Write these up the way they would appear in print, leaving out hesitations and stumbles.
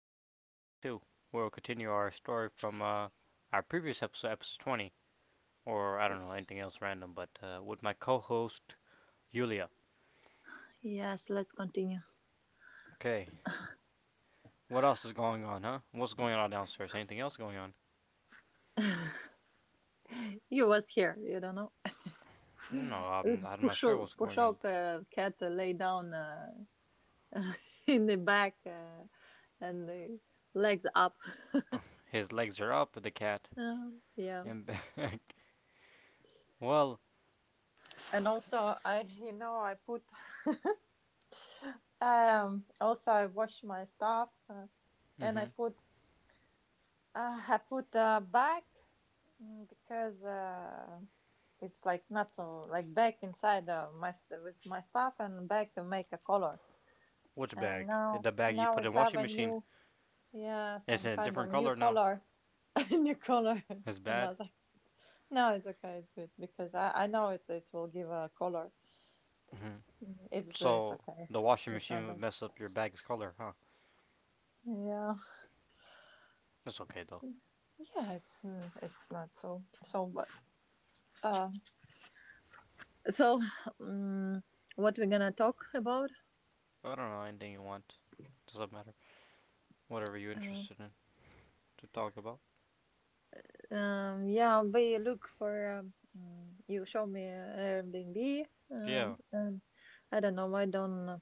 episode 22, where we'll continue our story from our previous episode, episode 20, or I don't know, anything else random, but with my co host, Yulia. Yes, let's continue. Okay, what else is going on, huh? What's going on downstairs? Anything else going on? You was here, you don't know. No, I'm not sure Pushok, what's going Pushok on. Cat lay down in the back and the legs up. His legs are up, the cat, Yeah. and back. Well, And also, I you know I put also I wash my stuff and mm-hmm. I put back because it's like not so like back inside my with my stuff and back make a color. Which And bag? now The bag you now we put in the have washing a machine. new. Yeah, It's some in a kind of different new color now. color, new color, It's and I bad. was like, no, it's okay, it's good because I know it will give a color. Mm-hmm. It's So, okay, the washing it's not machine would bad. mess up your bag's color, huh? Yeah, That's okay though. yeah, it's it's not so but uh so um, what we're gonna talk about? I don't know, anything you want. Doesn't matter. Whatever you're Uh, interested in to talk about. Yeah, we look for you show me Airbnb. Yeah. And I don't know, I don't.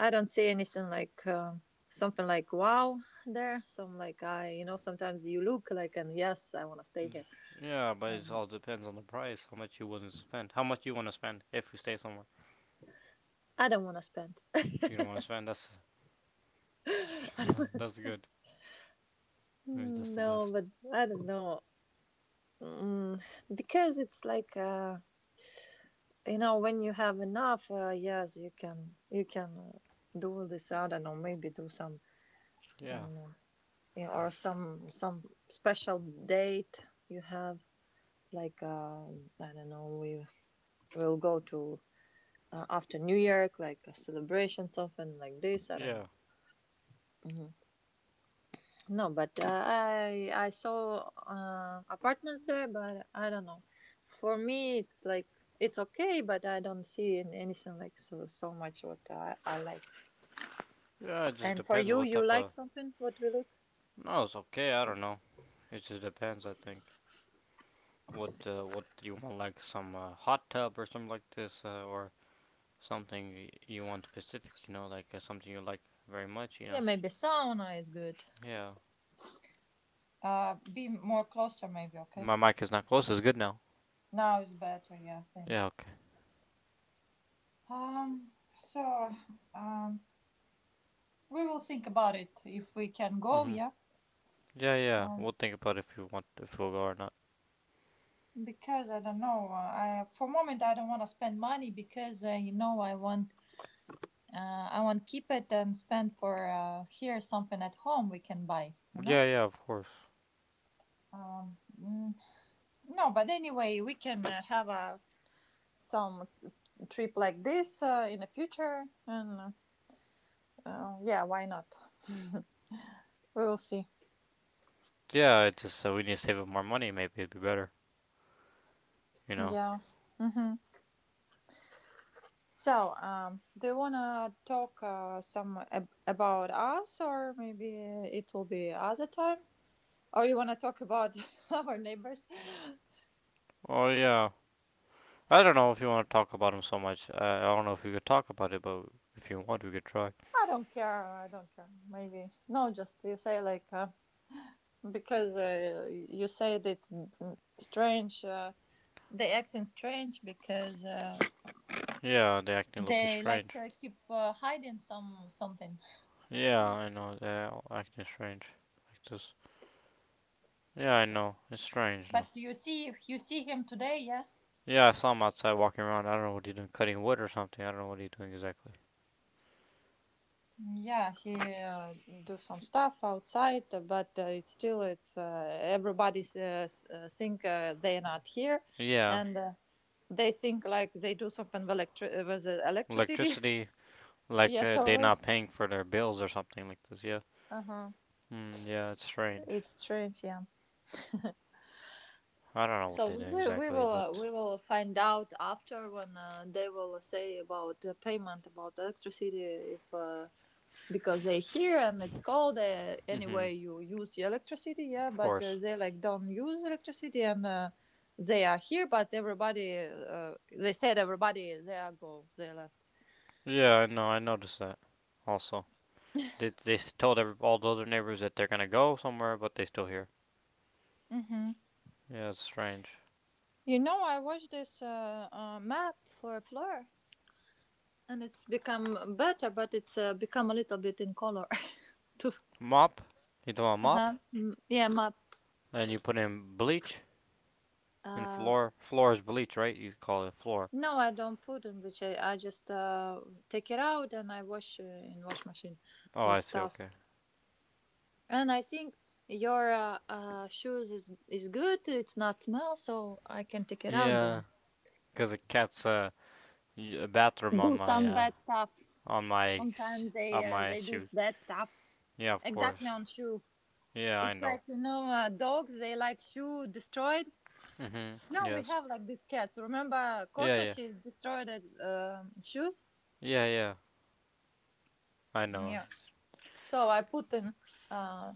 I don't see anything like something like wow there. So I'm like, I, you know, sometimes you look like, and yes, I want to stay here. Yeah, but it Uh, all depends on the price. How much you willing to spend? How much you want to spend if you stay somewhere? I don't want to spend. You don't want to spend. That's I don't that's wanna good. Maybe spend. that's the No, best. but I don't know. Mm, because it's like, you know, when you have enough, yes, you can do this. I don't know, maybe do some, I Yeah, don't know, of you know, or course. some special date you have. Like, I don't know, we will go to after New Year, like a celebration, something like this. I don't Yeah. know. Mhm. No, but I saw apartments there, but I don't know. For me, it's like it's okay, but I don't see in anything like so much what I like. Yeah, it just And for depends you, what you type like of. something? What we look? No, it's okay. I don't know. It just depends. I think what you want, like some hot tub or something like this, or something you want specific. You know, like something you like very much. You Yeah, know, maybe sauna is good. yeah, Be more closer, maybe. Okay, my mic is not close. It's good now. now it's better. Yeah, Yeah. thanks. Okay. Um, so um, we will think about it if we can go. Mhm. Yeah. Yeah, yeah. Um, We'll think about if you want if we'll go or not. because I don't know. I for a moment I don't want to spend money because you know I want keep it and spend for here something at home we can buy. You know. Yeah, yeah. Of course. Um, mm, no, but anyway we can have a some trip like this in the future and yeah, why not? We will see. Yeah. It's just we need to save up more money. Maybe it'd be better. You know. Yeah. Mm-hmm. So, do you wanna talk some about us, or maybe it will be other time? Or you want to talk about our neighbors? I Oh yeah. I don't know if you want to talk about him so much. I don't know if we could talk about it, but if you want, we could try. don't care. I don't care. Maybe no. Just you say like because you said it's strange. They acting strange because Yeah, they acting a little bit they like strange. Keep hiding something. Yeah, I know they're acting strange like this. Yeah, I know. It's strange though. But you see, if you see him today, yeah, Yeah, I saw him outside walking around. I don't know what he's doing, cutting wood or something. I don't know what he's doing exactly. yeah, he do some stuff outside. But it's still it's everybody think they're not here, Yeah, and. They think like they do something with, with electricity. electricity. Like yeah, so they're we, not paying for their bills or something like this. Yeah. uh-huh. Mm, yeah, it's strange. It's strange. Yeah. I don't know what So they do we exactly, will but we will find out after when they will say about the payment about electricity if because they here and it's cold anyway hmm, you use the electricity yeah of but course. they like don't use electricity and they are here but everybody they said everybody they are go they left. Yeah, I know. I noticed that. Also, they told every, all the other neighbors that they're gonna go somewhere, but they still here. Mm-hmm. Yeah, it's strange. You know, I watched this map for floor, and it's become better, but it's become a little bit in color too. Mop. You throw a Uh mop, huh. Yeah, map. and you put in bleach and Uh, floor. Floor is bleach, right? You call it floor. no, I don't put in which I just take it out and I wash in wash machine Oh, with I see. stuff. Okay. And I think your shoes is good. It's not smell, so I can take it out Yeah, then. cause the cat's bathroom on Do my some bad stuff. on my Sometimes on my they do shoes. bad stuff. Yeah, of Exactly course. on shoe. Yeah, I It's know. like you know, dogs they like shoe destroyed. Mhm. No, we Yes. have like these cats. Remember Yeah, Kosha? yeah. She's destroyed at, shoes. Yeah, yeah. I know. Yeah. So I put in. Uh,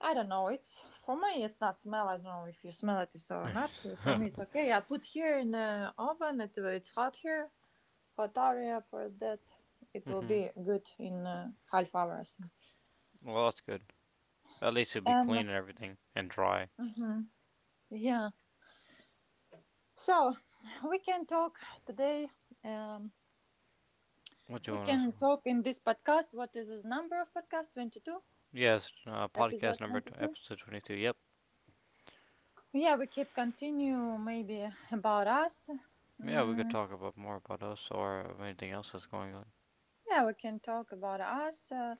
I don't know. It's for me. It's not smell. I don't know if you smell it or not. It's- For me, it's okay. I put here in the oven. It's hot here, hot area for that. It will mhm. be good in half hours. Well, that's good. At least it'll be Um. clean and everything and dry. mhm, Yeah. So we can talk today. Um What do you We want us? can talk in this podcast. What is this number of podcast? 22? Yes. Episode Podcast number 22? episode 22. Yep. Yeah, we keep continue maybe about us. Yeah, we could Mm, talk about more about us or of anything else that's going on. yeah, we can talk about us uh,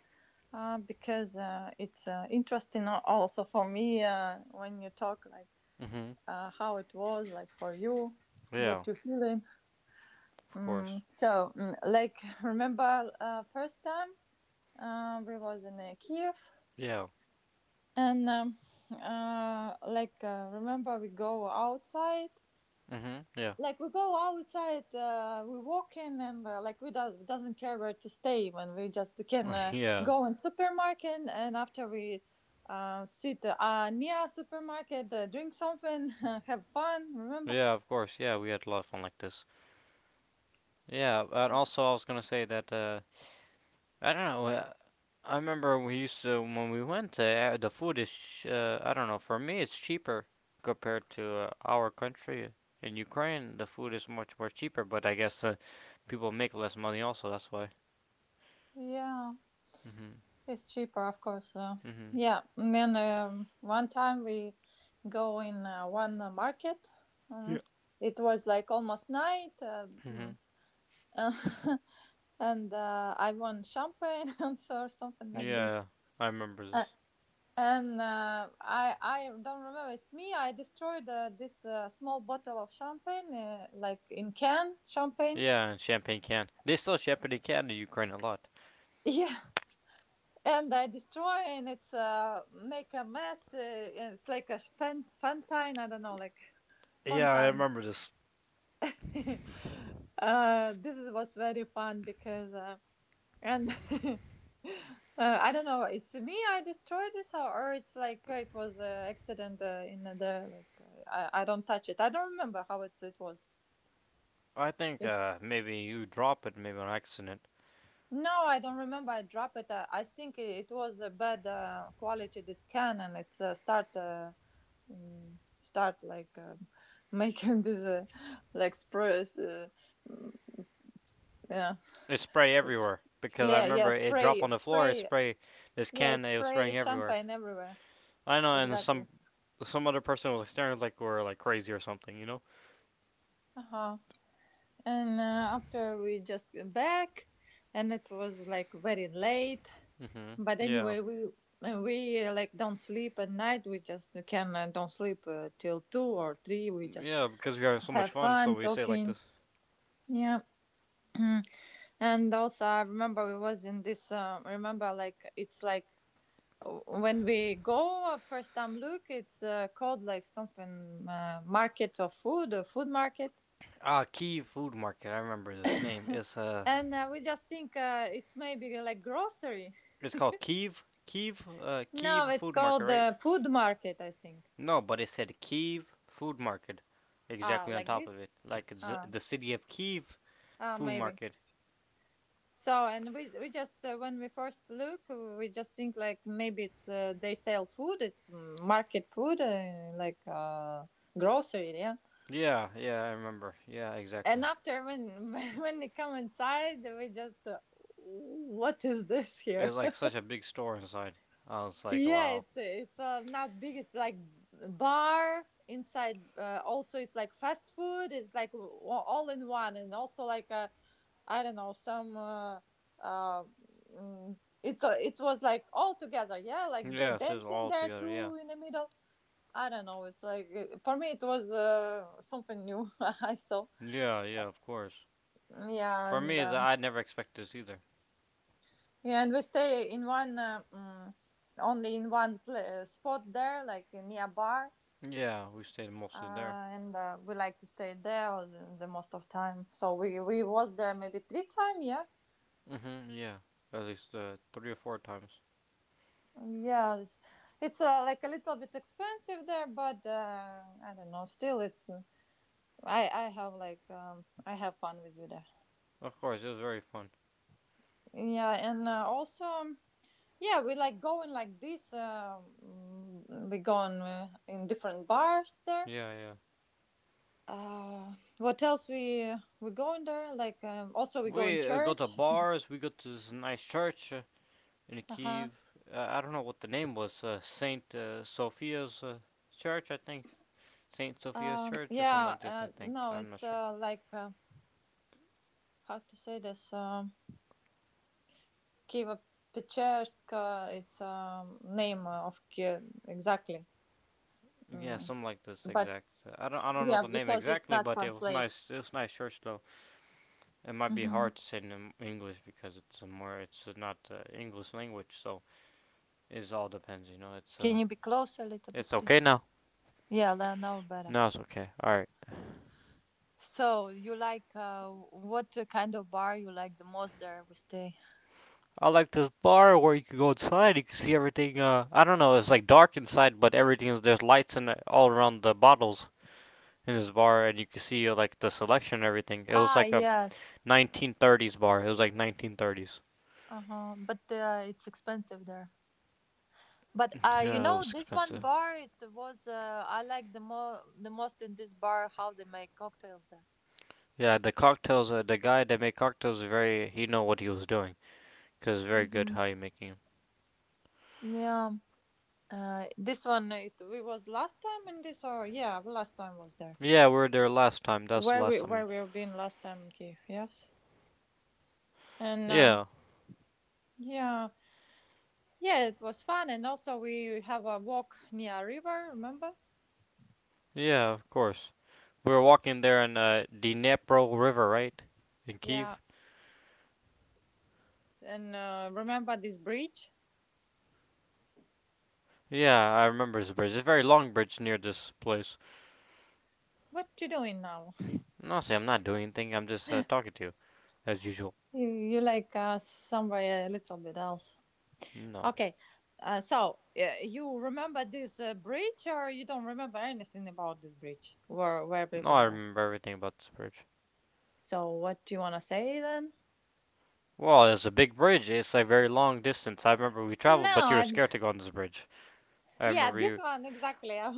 uh, because it's interesting also for me when you talk like Mhm. How it was like for you, Yeah. what you feeling. Of course. Like remember first time we was in Kiev Yeah. and like remember we go outside Mhm. Yeah. like we go outside we walk in and like we doesn't care where to stay when we just can yeah. go in supermarket and after we sit near supermarket drink something have fun remember. Yeah. Of course. Yeah. We had a lot of fun like this. Yeah. And also, I was gonna say that. I don't know. I remember we used to when we went there. The food is. I don't know. For me, it's cheaper compared to our country in Ukraine. The food is much more cheaper, but I guess people make less money also. That's why. Yeah Mhm. it's cheaper of course Mhm. yeah and then one time we go in one market Yeah. um, it was like almost night Mhm. Uh, and I won champagne or something like this. Yeah. I remember Uh, this. and I don't remember. It's me. I destroyed this small bottle of champagne, like in can champagne. Yeah, and champagne can. They sell champagne can in Ukraine a lot. Yeah, and I destroy and it's make a mess. It's like a fountain. I don't know, like Yeah, I fountain. remember this. This was very fun because. And I don't know. It's me. I destroyed this, or it's like it was an accident in there. Like I don't touch it. I don't remember how it was. I think It's maybe you drop it maybe on accident. no, I don't remember. I dropped it. I think it was a bad quality the scan, and it's start start like making this like spray. Yeah, There's spray everywhere because I yeah, yeah. remember it dropped Spray, on the floor. It spray. sprayed this Yeah, it can. It was spray spraying everywhere. champagne everywhere. I know, and Exactly. Some other person was like staring like we're like crazy or something. You know? Uh huh. And after we just came back and it was like very late Hmm. but Yeah, anyway we like don't sleep at night we just can don't sleep till two or three we just yeah. Because we were having so much have fun, so fun we say it like talking this. yeah. And also I remember we was in this remember like it's like when we go first time look it's called like something market of food a food market Ah, Kiev Food Market. I remember this name. And we just think it's maybe like grocery. It's called Kiev No, it's Food Market, called right? Food market, I think. No, but it said Kiev Food Market, Ah, exactly on like top of this? it, like Ah, the city of Kiev ah, Food maybe. Market. So, and we just when we first look, we just think like maybe it's they sell food, it's market food, like grocery, yeah. Yeah, yeah, I remember. Yeah, exactly. And after when when they come inside, we just what is this It was here? like such a big store inside. I was like, Yeah, wow. it's not big. It's like bar inside. Also, it's like fast food. It's like all in one, and also like I don't know some. Uh, mm, it's it was like all together. Yeah, like they Yeah, it was dance in all there together. Yeah. too in the middle. I don't know. It's like for me, it was something new. I saw. Yeah, yeah, of course. Yeah, For and me, is that I never expected this either. yeah, and we stay in one only in one spot there, like near bar Yeah, we stayed uh, mostly there. and we like to stay there all the most of time. So we was there maybe three times. Yeah, Mhm. Yeah. At least three or four times. yeah. It's like a little bit expensive there, but I don't know. Still, it's I have like I have fun with you there. Of course, it was very fun. Yeah, and also yeah, we like going like this. We go in different bars there. Yeah, yeah. What else we go in there? Like also we go in We go church. to bars. We go to this nice church in Uh huh. Kiev. I don't know what the name was. Saint Sophia's Church, I think. Saint Sophia's Church or something Yeah, like this. I think. no, I'm not it's sure. Like how to say this. Kievo-Pечерsk is name of Kiev exactly, Yeah, mm. something like this But exact. I don't know yeah, the name because it's exactly, not but it was translate. nice. It was nice church though. It might be Hmm. hard to say in English because it's a more it's not English language, so it all depends. You know, Can you be closer a little bit, it's okay please? now. Yeah, now better. No, it's okay. All right. So you like what kind of bar you like the most there we stay? I like this bar where you can go outside. You can see everything. I don't know. It's like dark inside, but everything is there's lights in all around the bottles in this bar, and you can see like the selection and everything. It was Ah, like a yes. 1930s bar. It was like 1930s. Uh huh. But it's expensive there. But you Yeah, it know, was this one expensive. bar it was I like the most in this bar how they make cocktails there. Yeah, the cocktails. The guy that made cocktails very. He know what he was doing. Cause very good Mm-hmm. how you making them. Yeah. This one it we was last time in this, or we last time was there Yeah, we were there last time. That's the where last we time. where we have been last time in Kiev, yes. and Yeah, yeah, yeah, it was fun. And also we have a walk near a river, remember? yeah, of course. We were walking there in the Dnepro River, right? In Yeah. Kiev. and remember this bridge? Yeah, I remember this bridge. It's a very long bridge near this place. What you doing now? And honestly, I'm not doing anything. I'm just talking to you as usual. You like somewhere a little bit else? No, Okay. So you remember this bridge, or you don't remember anything about this bridge? Where, we've no, been I there. remember everything about this bridge. So what do you want to say then? Well, it's a big bridge. It's a very long distance. I remember we traveled, No, but you were I, scared to go on this bridge. I yeah, remember this you. one exactly.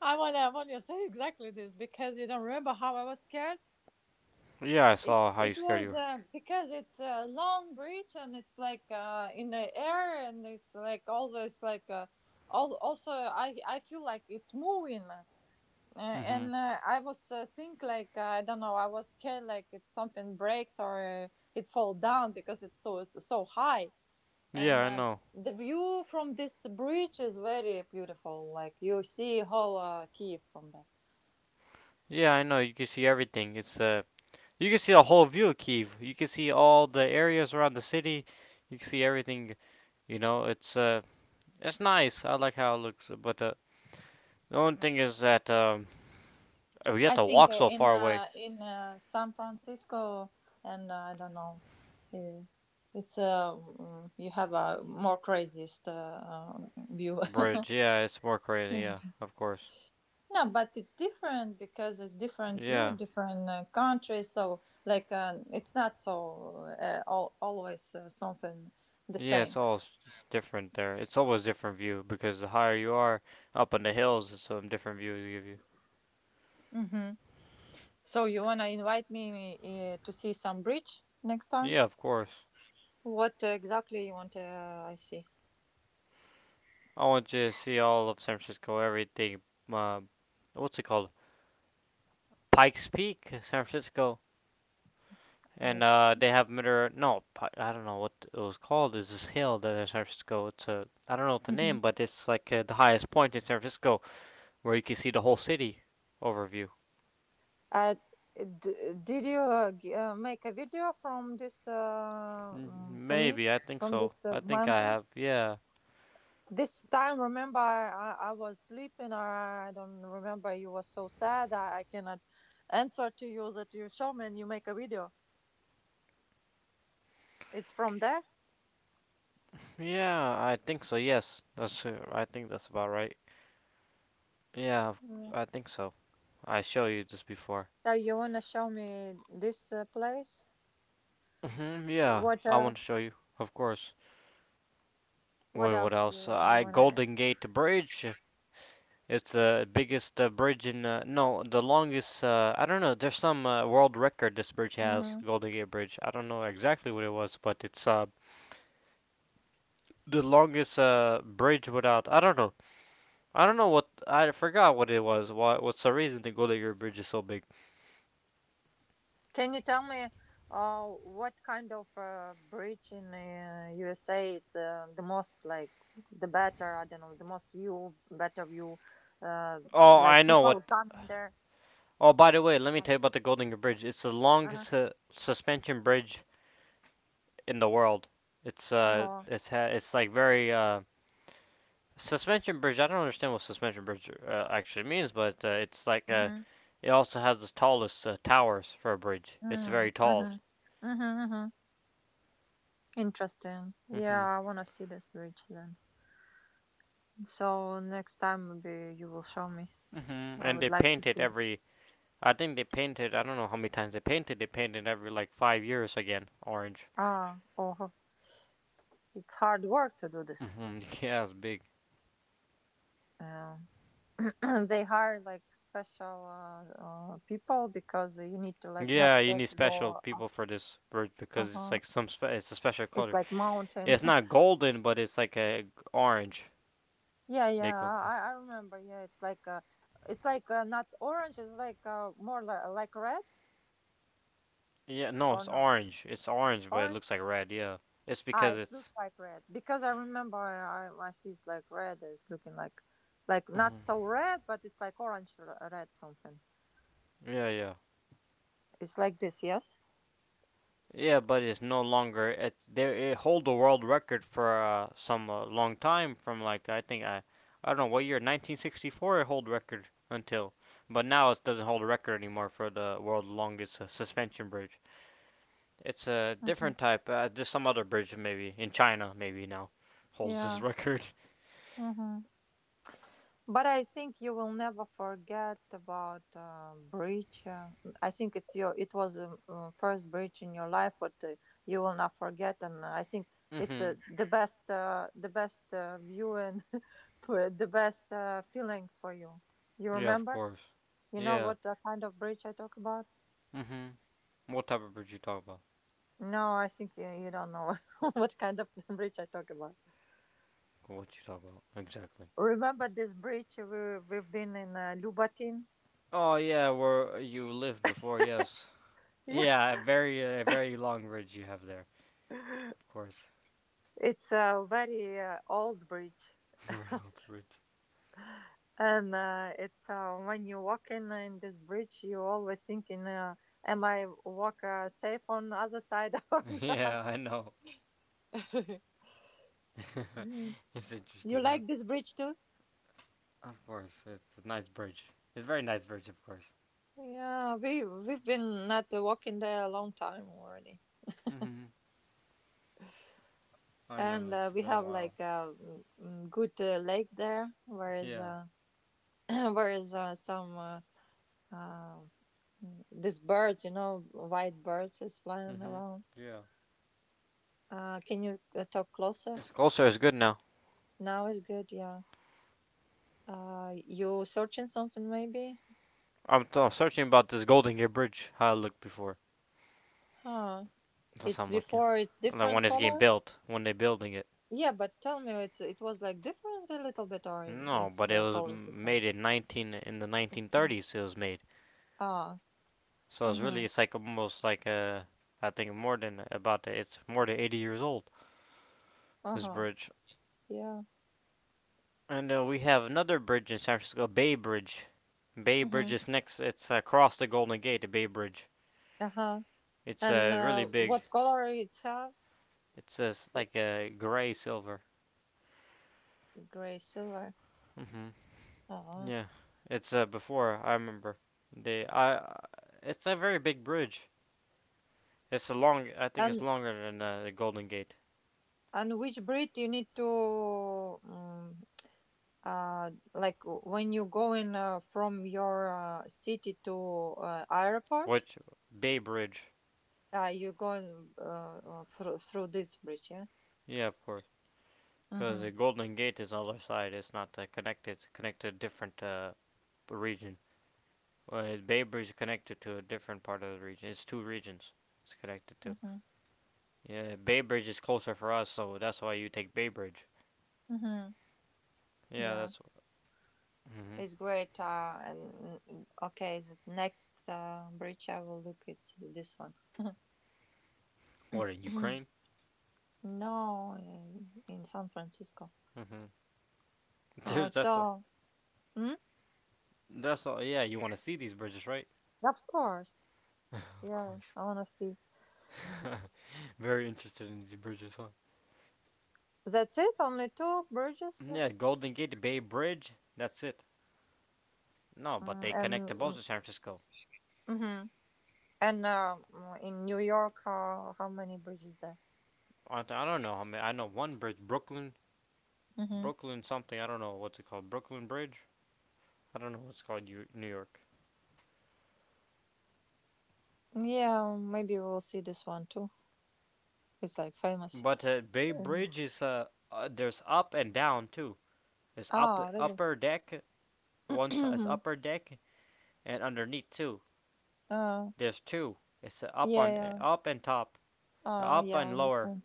wanna I wanna say exactly this because you don't remember how I was scared. Yeah, I It saw how it you scared was you because it's a long bridge and it's like in the air, and it's like always like also I feel like it's moving. Were. Hmm. And I was think like I don't know, I was scared like it's something breaks, or it fall down because it's so high. And Yeah, I know. the view from this bridge is very beautiful, like you see whole Kiev from there. Yeah, I know. You can see everything. It's you can see a whole view of Kiev. You can see all the areas around the city. You can see everything. You know, it's nice. I like how it looks. But the only thing is that we have I to think walk so far away. In San Francisco, and I don't know, you have a more craziest uh, view. Bridge. Yeah, it's more crazy. Yeah, of course. No, but it's different because it's different view, Yeah, different countries. So, like, it's not so always something the yeah. It's same. It's different there. It's always different view because the higher you are up in the hills, it's some different view they give you. Hmm. So, you wanna invite me to see some bridge next time? Yeah, of course. What exactly you want? I see. I want you to see all of San Francisco, everything. Uh, what's it called? Pikes Peak, San Francisco, I and exp- they have Mitter. No, I don't know what it was called. Is this hill that in San Francisco? It's a I don't know what the Mhm. name, but it's like the highest point in San Francisco where you can see the whole city overview. uh, did you make a video from this Mm, to me maybe I think from so. this I think I mountain? have. Yeah, This time, remember, I was sleeping, or I don't remember. You was so sad. I cannot answer to you that you show me and you make a video. It's from there. yeah, I think so. Yes, that's. I think that's about right. Yeah, Yeah. I think so. I show you this before. So you wanna show me this place? Hmm, yeah, What I want to else? show you, of course. What Well, what else you, else? You I wanna? Golden Gate Bridge. It's the biggest bridge in no, the longest. I don't know. There's some world record this bridge has. Hmm. Golden Gate Bridge. I don't know exactly what it was, but it's the longest bridge without. I don't know. I don't know what. I forgot what it was. Why? What's the reason the Golden Gate Bridge is so big? Can you tell me, what kind of bridge in USA it's the most like the better? I don't know, the most view, better view, Oh, I like know people what. coming there. Oh, by the way, let me Uh-huh. tell you about the Golden Gate Bridge. It's the longest suspension bridge in the world. It's Oh. It's like very suspension bridge. I don't understand what suspension bridge actually means, but it's like Mhm. it also has the tallest towers for a bridge. It's very Mm. tall. Mhm. Mhm. Mhm. Interesting. Yeah, Hmm. I wanna see this bridge then. So next time maybe you will show me. Hmm. I And would they like to paint it see. every. I think they painted. I don't know how many times they painted. They painted every like 5 years again, orange. Ah. Oh. It's hard work to do this. Hmm. Yeah, it's big. Yeah. They hire like special people because you need to like not Yeah, you scared need to special go people up. for this bridge Uh because it's huh. like some. It's a special It's color. like mountain. It's not golden, but it's like a orange. Yeah, They yeah. call. I remember. Yeah, it's like not orange. It's like more like red. Yeah, no, Or it's no? orange. It's orange, but it looks Orange? like red. Yeah, it's Ah, because it's looks it's. like red because I remember I see it's like red. It's looking like not Hmm. so red, but it's like orange, red something. Yeah, yeah, It's like this, yes. yeah. But it's no longer. It they it hold the world record for some long time from like I think I don't know what year 1964 it hold record until, but now it doesn't hold a record anymore for the world's longest suspension bridge. It's a Hmm. different type. Just some other bridge maybe in China maybe now holds this Yeah. record. Hmm. But I think you will never forget about bridge. I think it's your. It was the first bridge in your life, but you will not forget. And I think it's hmm the best view and for the best feelings for you. You Yeah, of remember? course. You know Yeah. what kind of bridge I talk about? hmm What type of bridge you talk about? No, I think you don't know what kind of bridge I talk about. What you talk about exactly? Remember this bridge we've been in Lubatin? Oh yeah, where you lived before. Yes. Yeah, Yeah, a very very long ridge you have there. Of course. it's a very old bridge. Very old ridge. And it's when you walk in this bridge, you always thinking, am I walk safe on the other side or not? Yeah, I know. Mm. It's You interesting, huh? like this bridge too? Of course, it's a nice bridge. It's a very nice bridge, of course. Yeah, we've been not walking there a long time already. Mhm. I know. And It's we been a have while. like a good lake there where is Yeah. Where is some uh, these birds, you know, white birds is flying Mhm. around. Yeah. Can you talk closer? It's closer. It's good now. Now is good, yeah. You searching something maybe? I'm searching about this Golden Gate Bridge, how I looked before. Huh. That's how It's I'm looking. before it's Like different when it's getting color. built, when they're building it. Yeah, but tell me, it's it was like different a little bit, or No, it's but it like was always the same? made in 19, in the 1930s. It was made, Ah. so Uh it's huh. really, it's like almost like a, I think more than, about it's more than 80 years old, this Uh-huh. bridge. Yeah. And we have another bridge in San Francisco, Bay Bridge. Bay Mm-hmm, Bridge is next. It's across the Golden Gate, the Bay Bridge. uh-huh. It's And really big. what color it have? It's It- like a gray silver. Gray, silver. Hmm Oh. Yeah, it's before I remember. They I, it's a very big bridge. It's a long. I think it's And longer than the Golden Gate. Which breed you need to like when you going from your city to airport? Which Bay Bridge? You going through this bridge, yeah. Yeah, of course. Because the Mhm. Golden Gate is on the other side. It's not connected. It's connected to a different region. Bay Bridge is connected to a different part of the region. It's two regions it's connected to. Mhm. Yeah, Bay Bridge is closer for us, so that's why you take Bay Bridge. Mhm. Yeah, Yeah, that's. Mm-hmm. it's great. And okay, the next bridge I will look it's this one. What, in Ukraine? No, in San Francisco. Mm-hmm. Uh, There's That's all. so, mm, That's all. Yeah, you want to see these bridges, right? of course, Of yeah, course. honestly, Very interested in these bridges, huh? that's it. Only two bridges, Yeah, Golden Gate, Bay Bridge, that's it. No, but mm, they and connect to both mm, of San Francisco. mm-hmm. and in New York, how many bridges there? I don't know. I mean, I know one bridge, Brooklyn, Mm-hmm. Brooklyn something. I don't know what's it called. Brooklyn Bridge. I don't know what's called, New York. Yeah, maybe we'll see this one too. It's like famous. But Bay Mm. Bridge is, there's up and down too. There's up Ah, really? upper deck. One is Mhm. upper deck and underneath too. Uh, There's two. It's up yeah, on yeah. up and top, up Yeah, I and lower understand.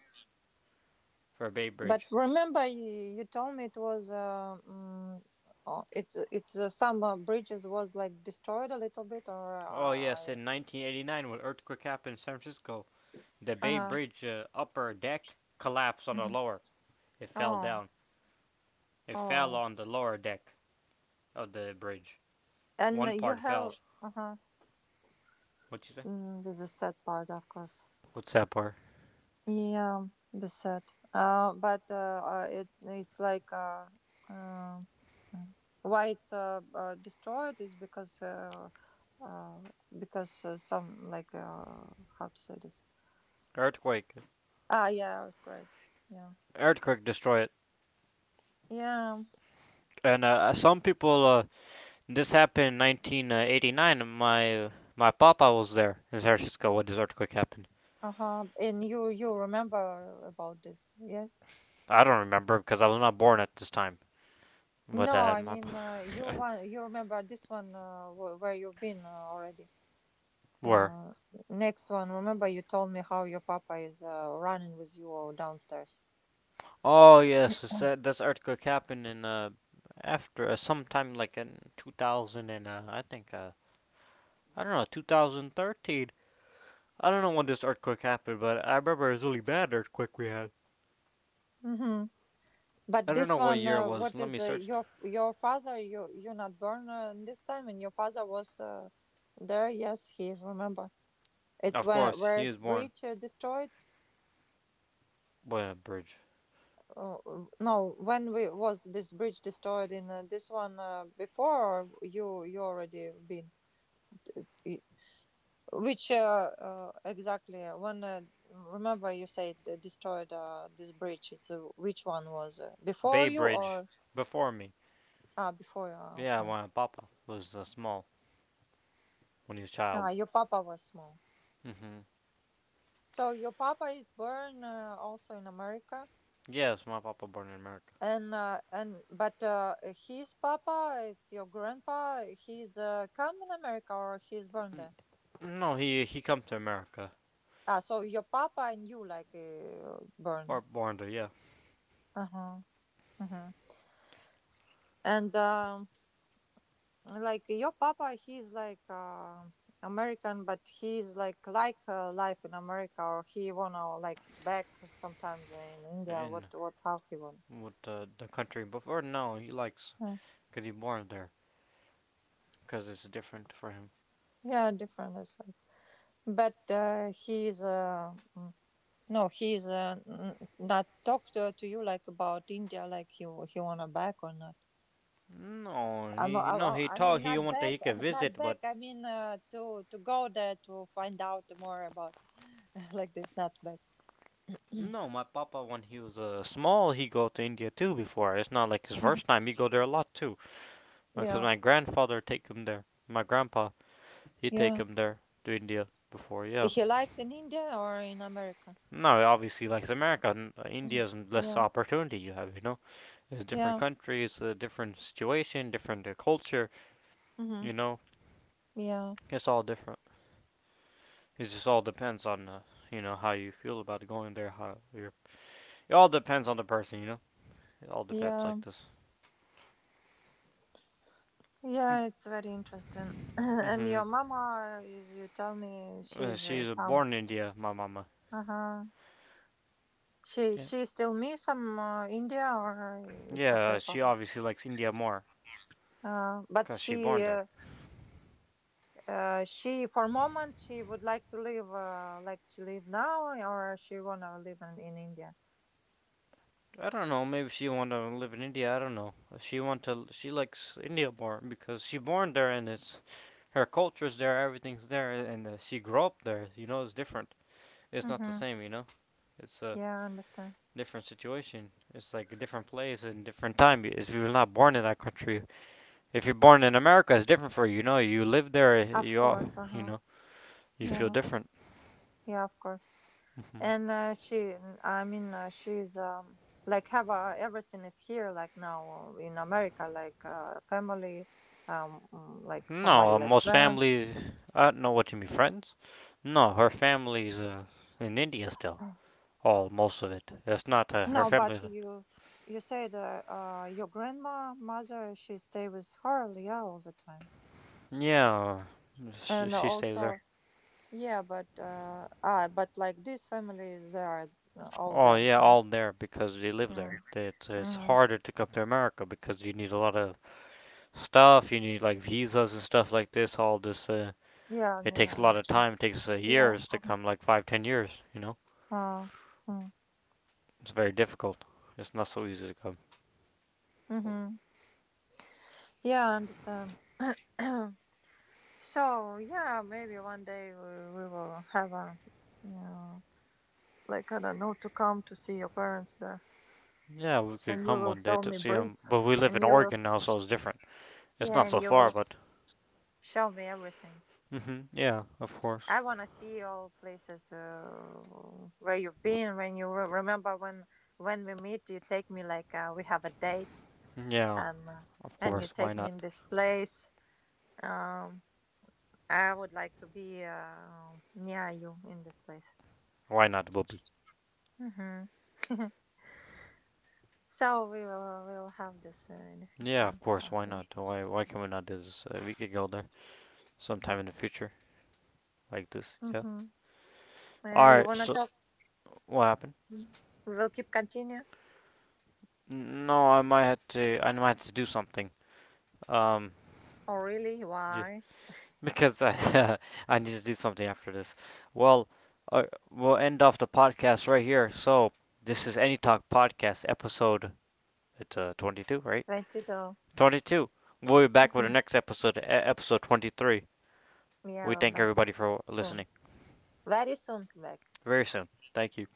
for Bay But Bridge. remember, you told me it was oh, it's some bridges was like destroyed a little bit, or Oh yes, I in 1989 when earthquake happened in San Francisco, the Bay uh-huh. Bridge upper deck collapsed on the Hmm. lower. It fell Oh, down. It fell oh. on the lower deck of the bridge. And One you part fell. have uh-huh. What'd you say? Mm, this is sad part, of course. What's that part? Yeah, the sad. But it's like uh why it's destroyed is uh because some like how to say this? Earthquake. Ah, yeah, it was great. Yeah. Earthquake destroyed it. Yeah. And Some people. This happened in 1989, and my papa was there in San Francisco when this earthquake happened. Uh huh. And you remember about this? Yes. I don't remember because I was not born at this time. But No, I my mean you one. You remember this one where you've been already. were. Uh, next one. Remember you told me how your papa is running with you downstairs. Oh yes, this earthquake happened in, after, sometime like in 2000, and I think, I don't know, 2013. I don't know when this earthquake happened, but I remember it was really bad earthquake we had. Mm-hmm. I But don't know this what one, year it was. what Let me is search. your father? You not born this time, and your father was there. Yes, he is. Remember, it's Of where, course, he is is born, bridge destroyed? well, bridge, No, when we was this bridge destroyed in this one before? Or you already been? Which exactly? When remember you said they destroyed this bridge. So which one was before Bay you, Bridge, or before me. ah, before you? Ah, Yeah, okay. my papa was small when he was a Ah, child. your papa was small. Hmm So your papa is born also in America, Yes, my papa born in America. and but his papa, it's your grandpa. He's come in America or he's born there. Mm, no, he come to America Ah, so your papa and you like or born. born there. Yeah, Uh huh. Uh huh. And like your papa, he's like American, but he's like life in America, or he wanna like back sometimes in India. in What how he want? with the country before. No, he likes, Yeah, cause he born there. Cause it's different for him. yeah, different is like, but he's no, he's not talk to you like about India, like he wanna back or not. No, he, no he I told mean he not want, back he could not visit, back, but I mean to go there to find out more about like this, not back. no, my papa when he was small, he go to India too before. It's not like his first Mhm. time. He go there a lot too, because Yeah. my grandfather take him there. My grandpa, he take Yeah. him there to India before. Yeah. He likes in India or in America? No, obviously like America, India's less Yeah, opportunity you have. You know, it's different yeah, country, it's a different situation, different culture. mm-hmm. You know, Yeah, it's all different. It just all depends on, you know, how you feel about going there. How you're. It all depends on the person. You know, it all depends yeah, like this. yeah. It's very interesting. And Mm-hmm. your mama is, you tell me, she's She's born comes. in India, my mama. Uh huh. Yeah. She still miss some India, or it's Yeah, okay for she her? obviously likes India more But because she born there. She for a moment she would like to live like she live now, or she wanna live in India? I don't know. Maybe she want to live in India. I don't know. She want to. She likes India more because she born there, and it's her culture's there. Everything's there, and she grew up there. You know, it's different. It's not the Mm-hmm. same. You know, it's a Yeah, I understand. different situation. It's like a different place and different time. If you're not born in that country, if you're born in America, it's different for you. You know, you live there. Of You all, course. Uh you huh. know, you feel Yeah. different. Yeah, of course. And uh, she, I mean, she's like have everything is here like now in America, like family, like No, somebody like most friends. families. I don't know what you mean, friends. No, her family's in India still. All most of it. That's not her No, but family. You said your grandma mother she stay with her, yeah, all the time, Yeah, uh, she, and she stays there. also yeah, but ah, but like these families they are all Oh there. yeah, Mm. all there because they live Yeah. there. It's harder to come to America because you need a lot of stuff. You need like visas and stuff like this. All this, Mm-hmm. Yeah. Hmm. it Yeah. No, takes I a lot of understand. time. It takes Yeah. years to Uh-huh. come, like 5, 10 years. You know, Uh, hmm. it's very difficult. It's not so easy to come. Mhm. Yeah, I understand. So yeah, maybe one day we will have a, you like, I don't know, to come to see your parents there, Yeah, we could and you come will one day show to me see him, bridge, but we live in and you will, Oregon now, so it's different. It's yeah, not and so you far, will but. show me everything. Hmm Yeah, of course. I wanna see all places where you've been. Remember when we meet, you take me like we have a date, Yeah, and uh, of and you course. Why take me not? in this place. Um, I would like to be near you in this place. Why not, Bobby? Hmm. So we will have this in the Yeah, of future, course. I Why think. not? Why? Why can we not do this? We could go there sometime in the future, like this. Yeah. Mm-hmm. All You right. wanna So talk? what happened? We will keep continue. No, I might have to. I might have to do something. Um. Oh really? Yeah. Why? Because I I need to do something after this. Well, uh, we'll end off the podcast right here. So this is Any Talk podcast episode. It's 22, right? 22. 22. We'll be back with the next episode, episode 23. Yeah, We we'll thank back everybody for soon. listening. Very soon, back. Very soon. Thank you.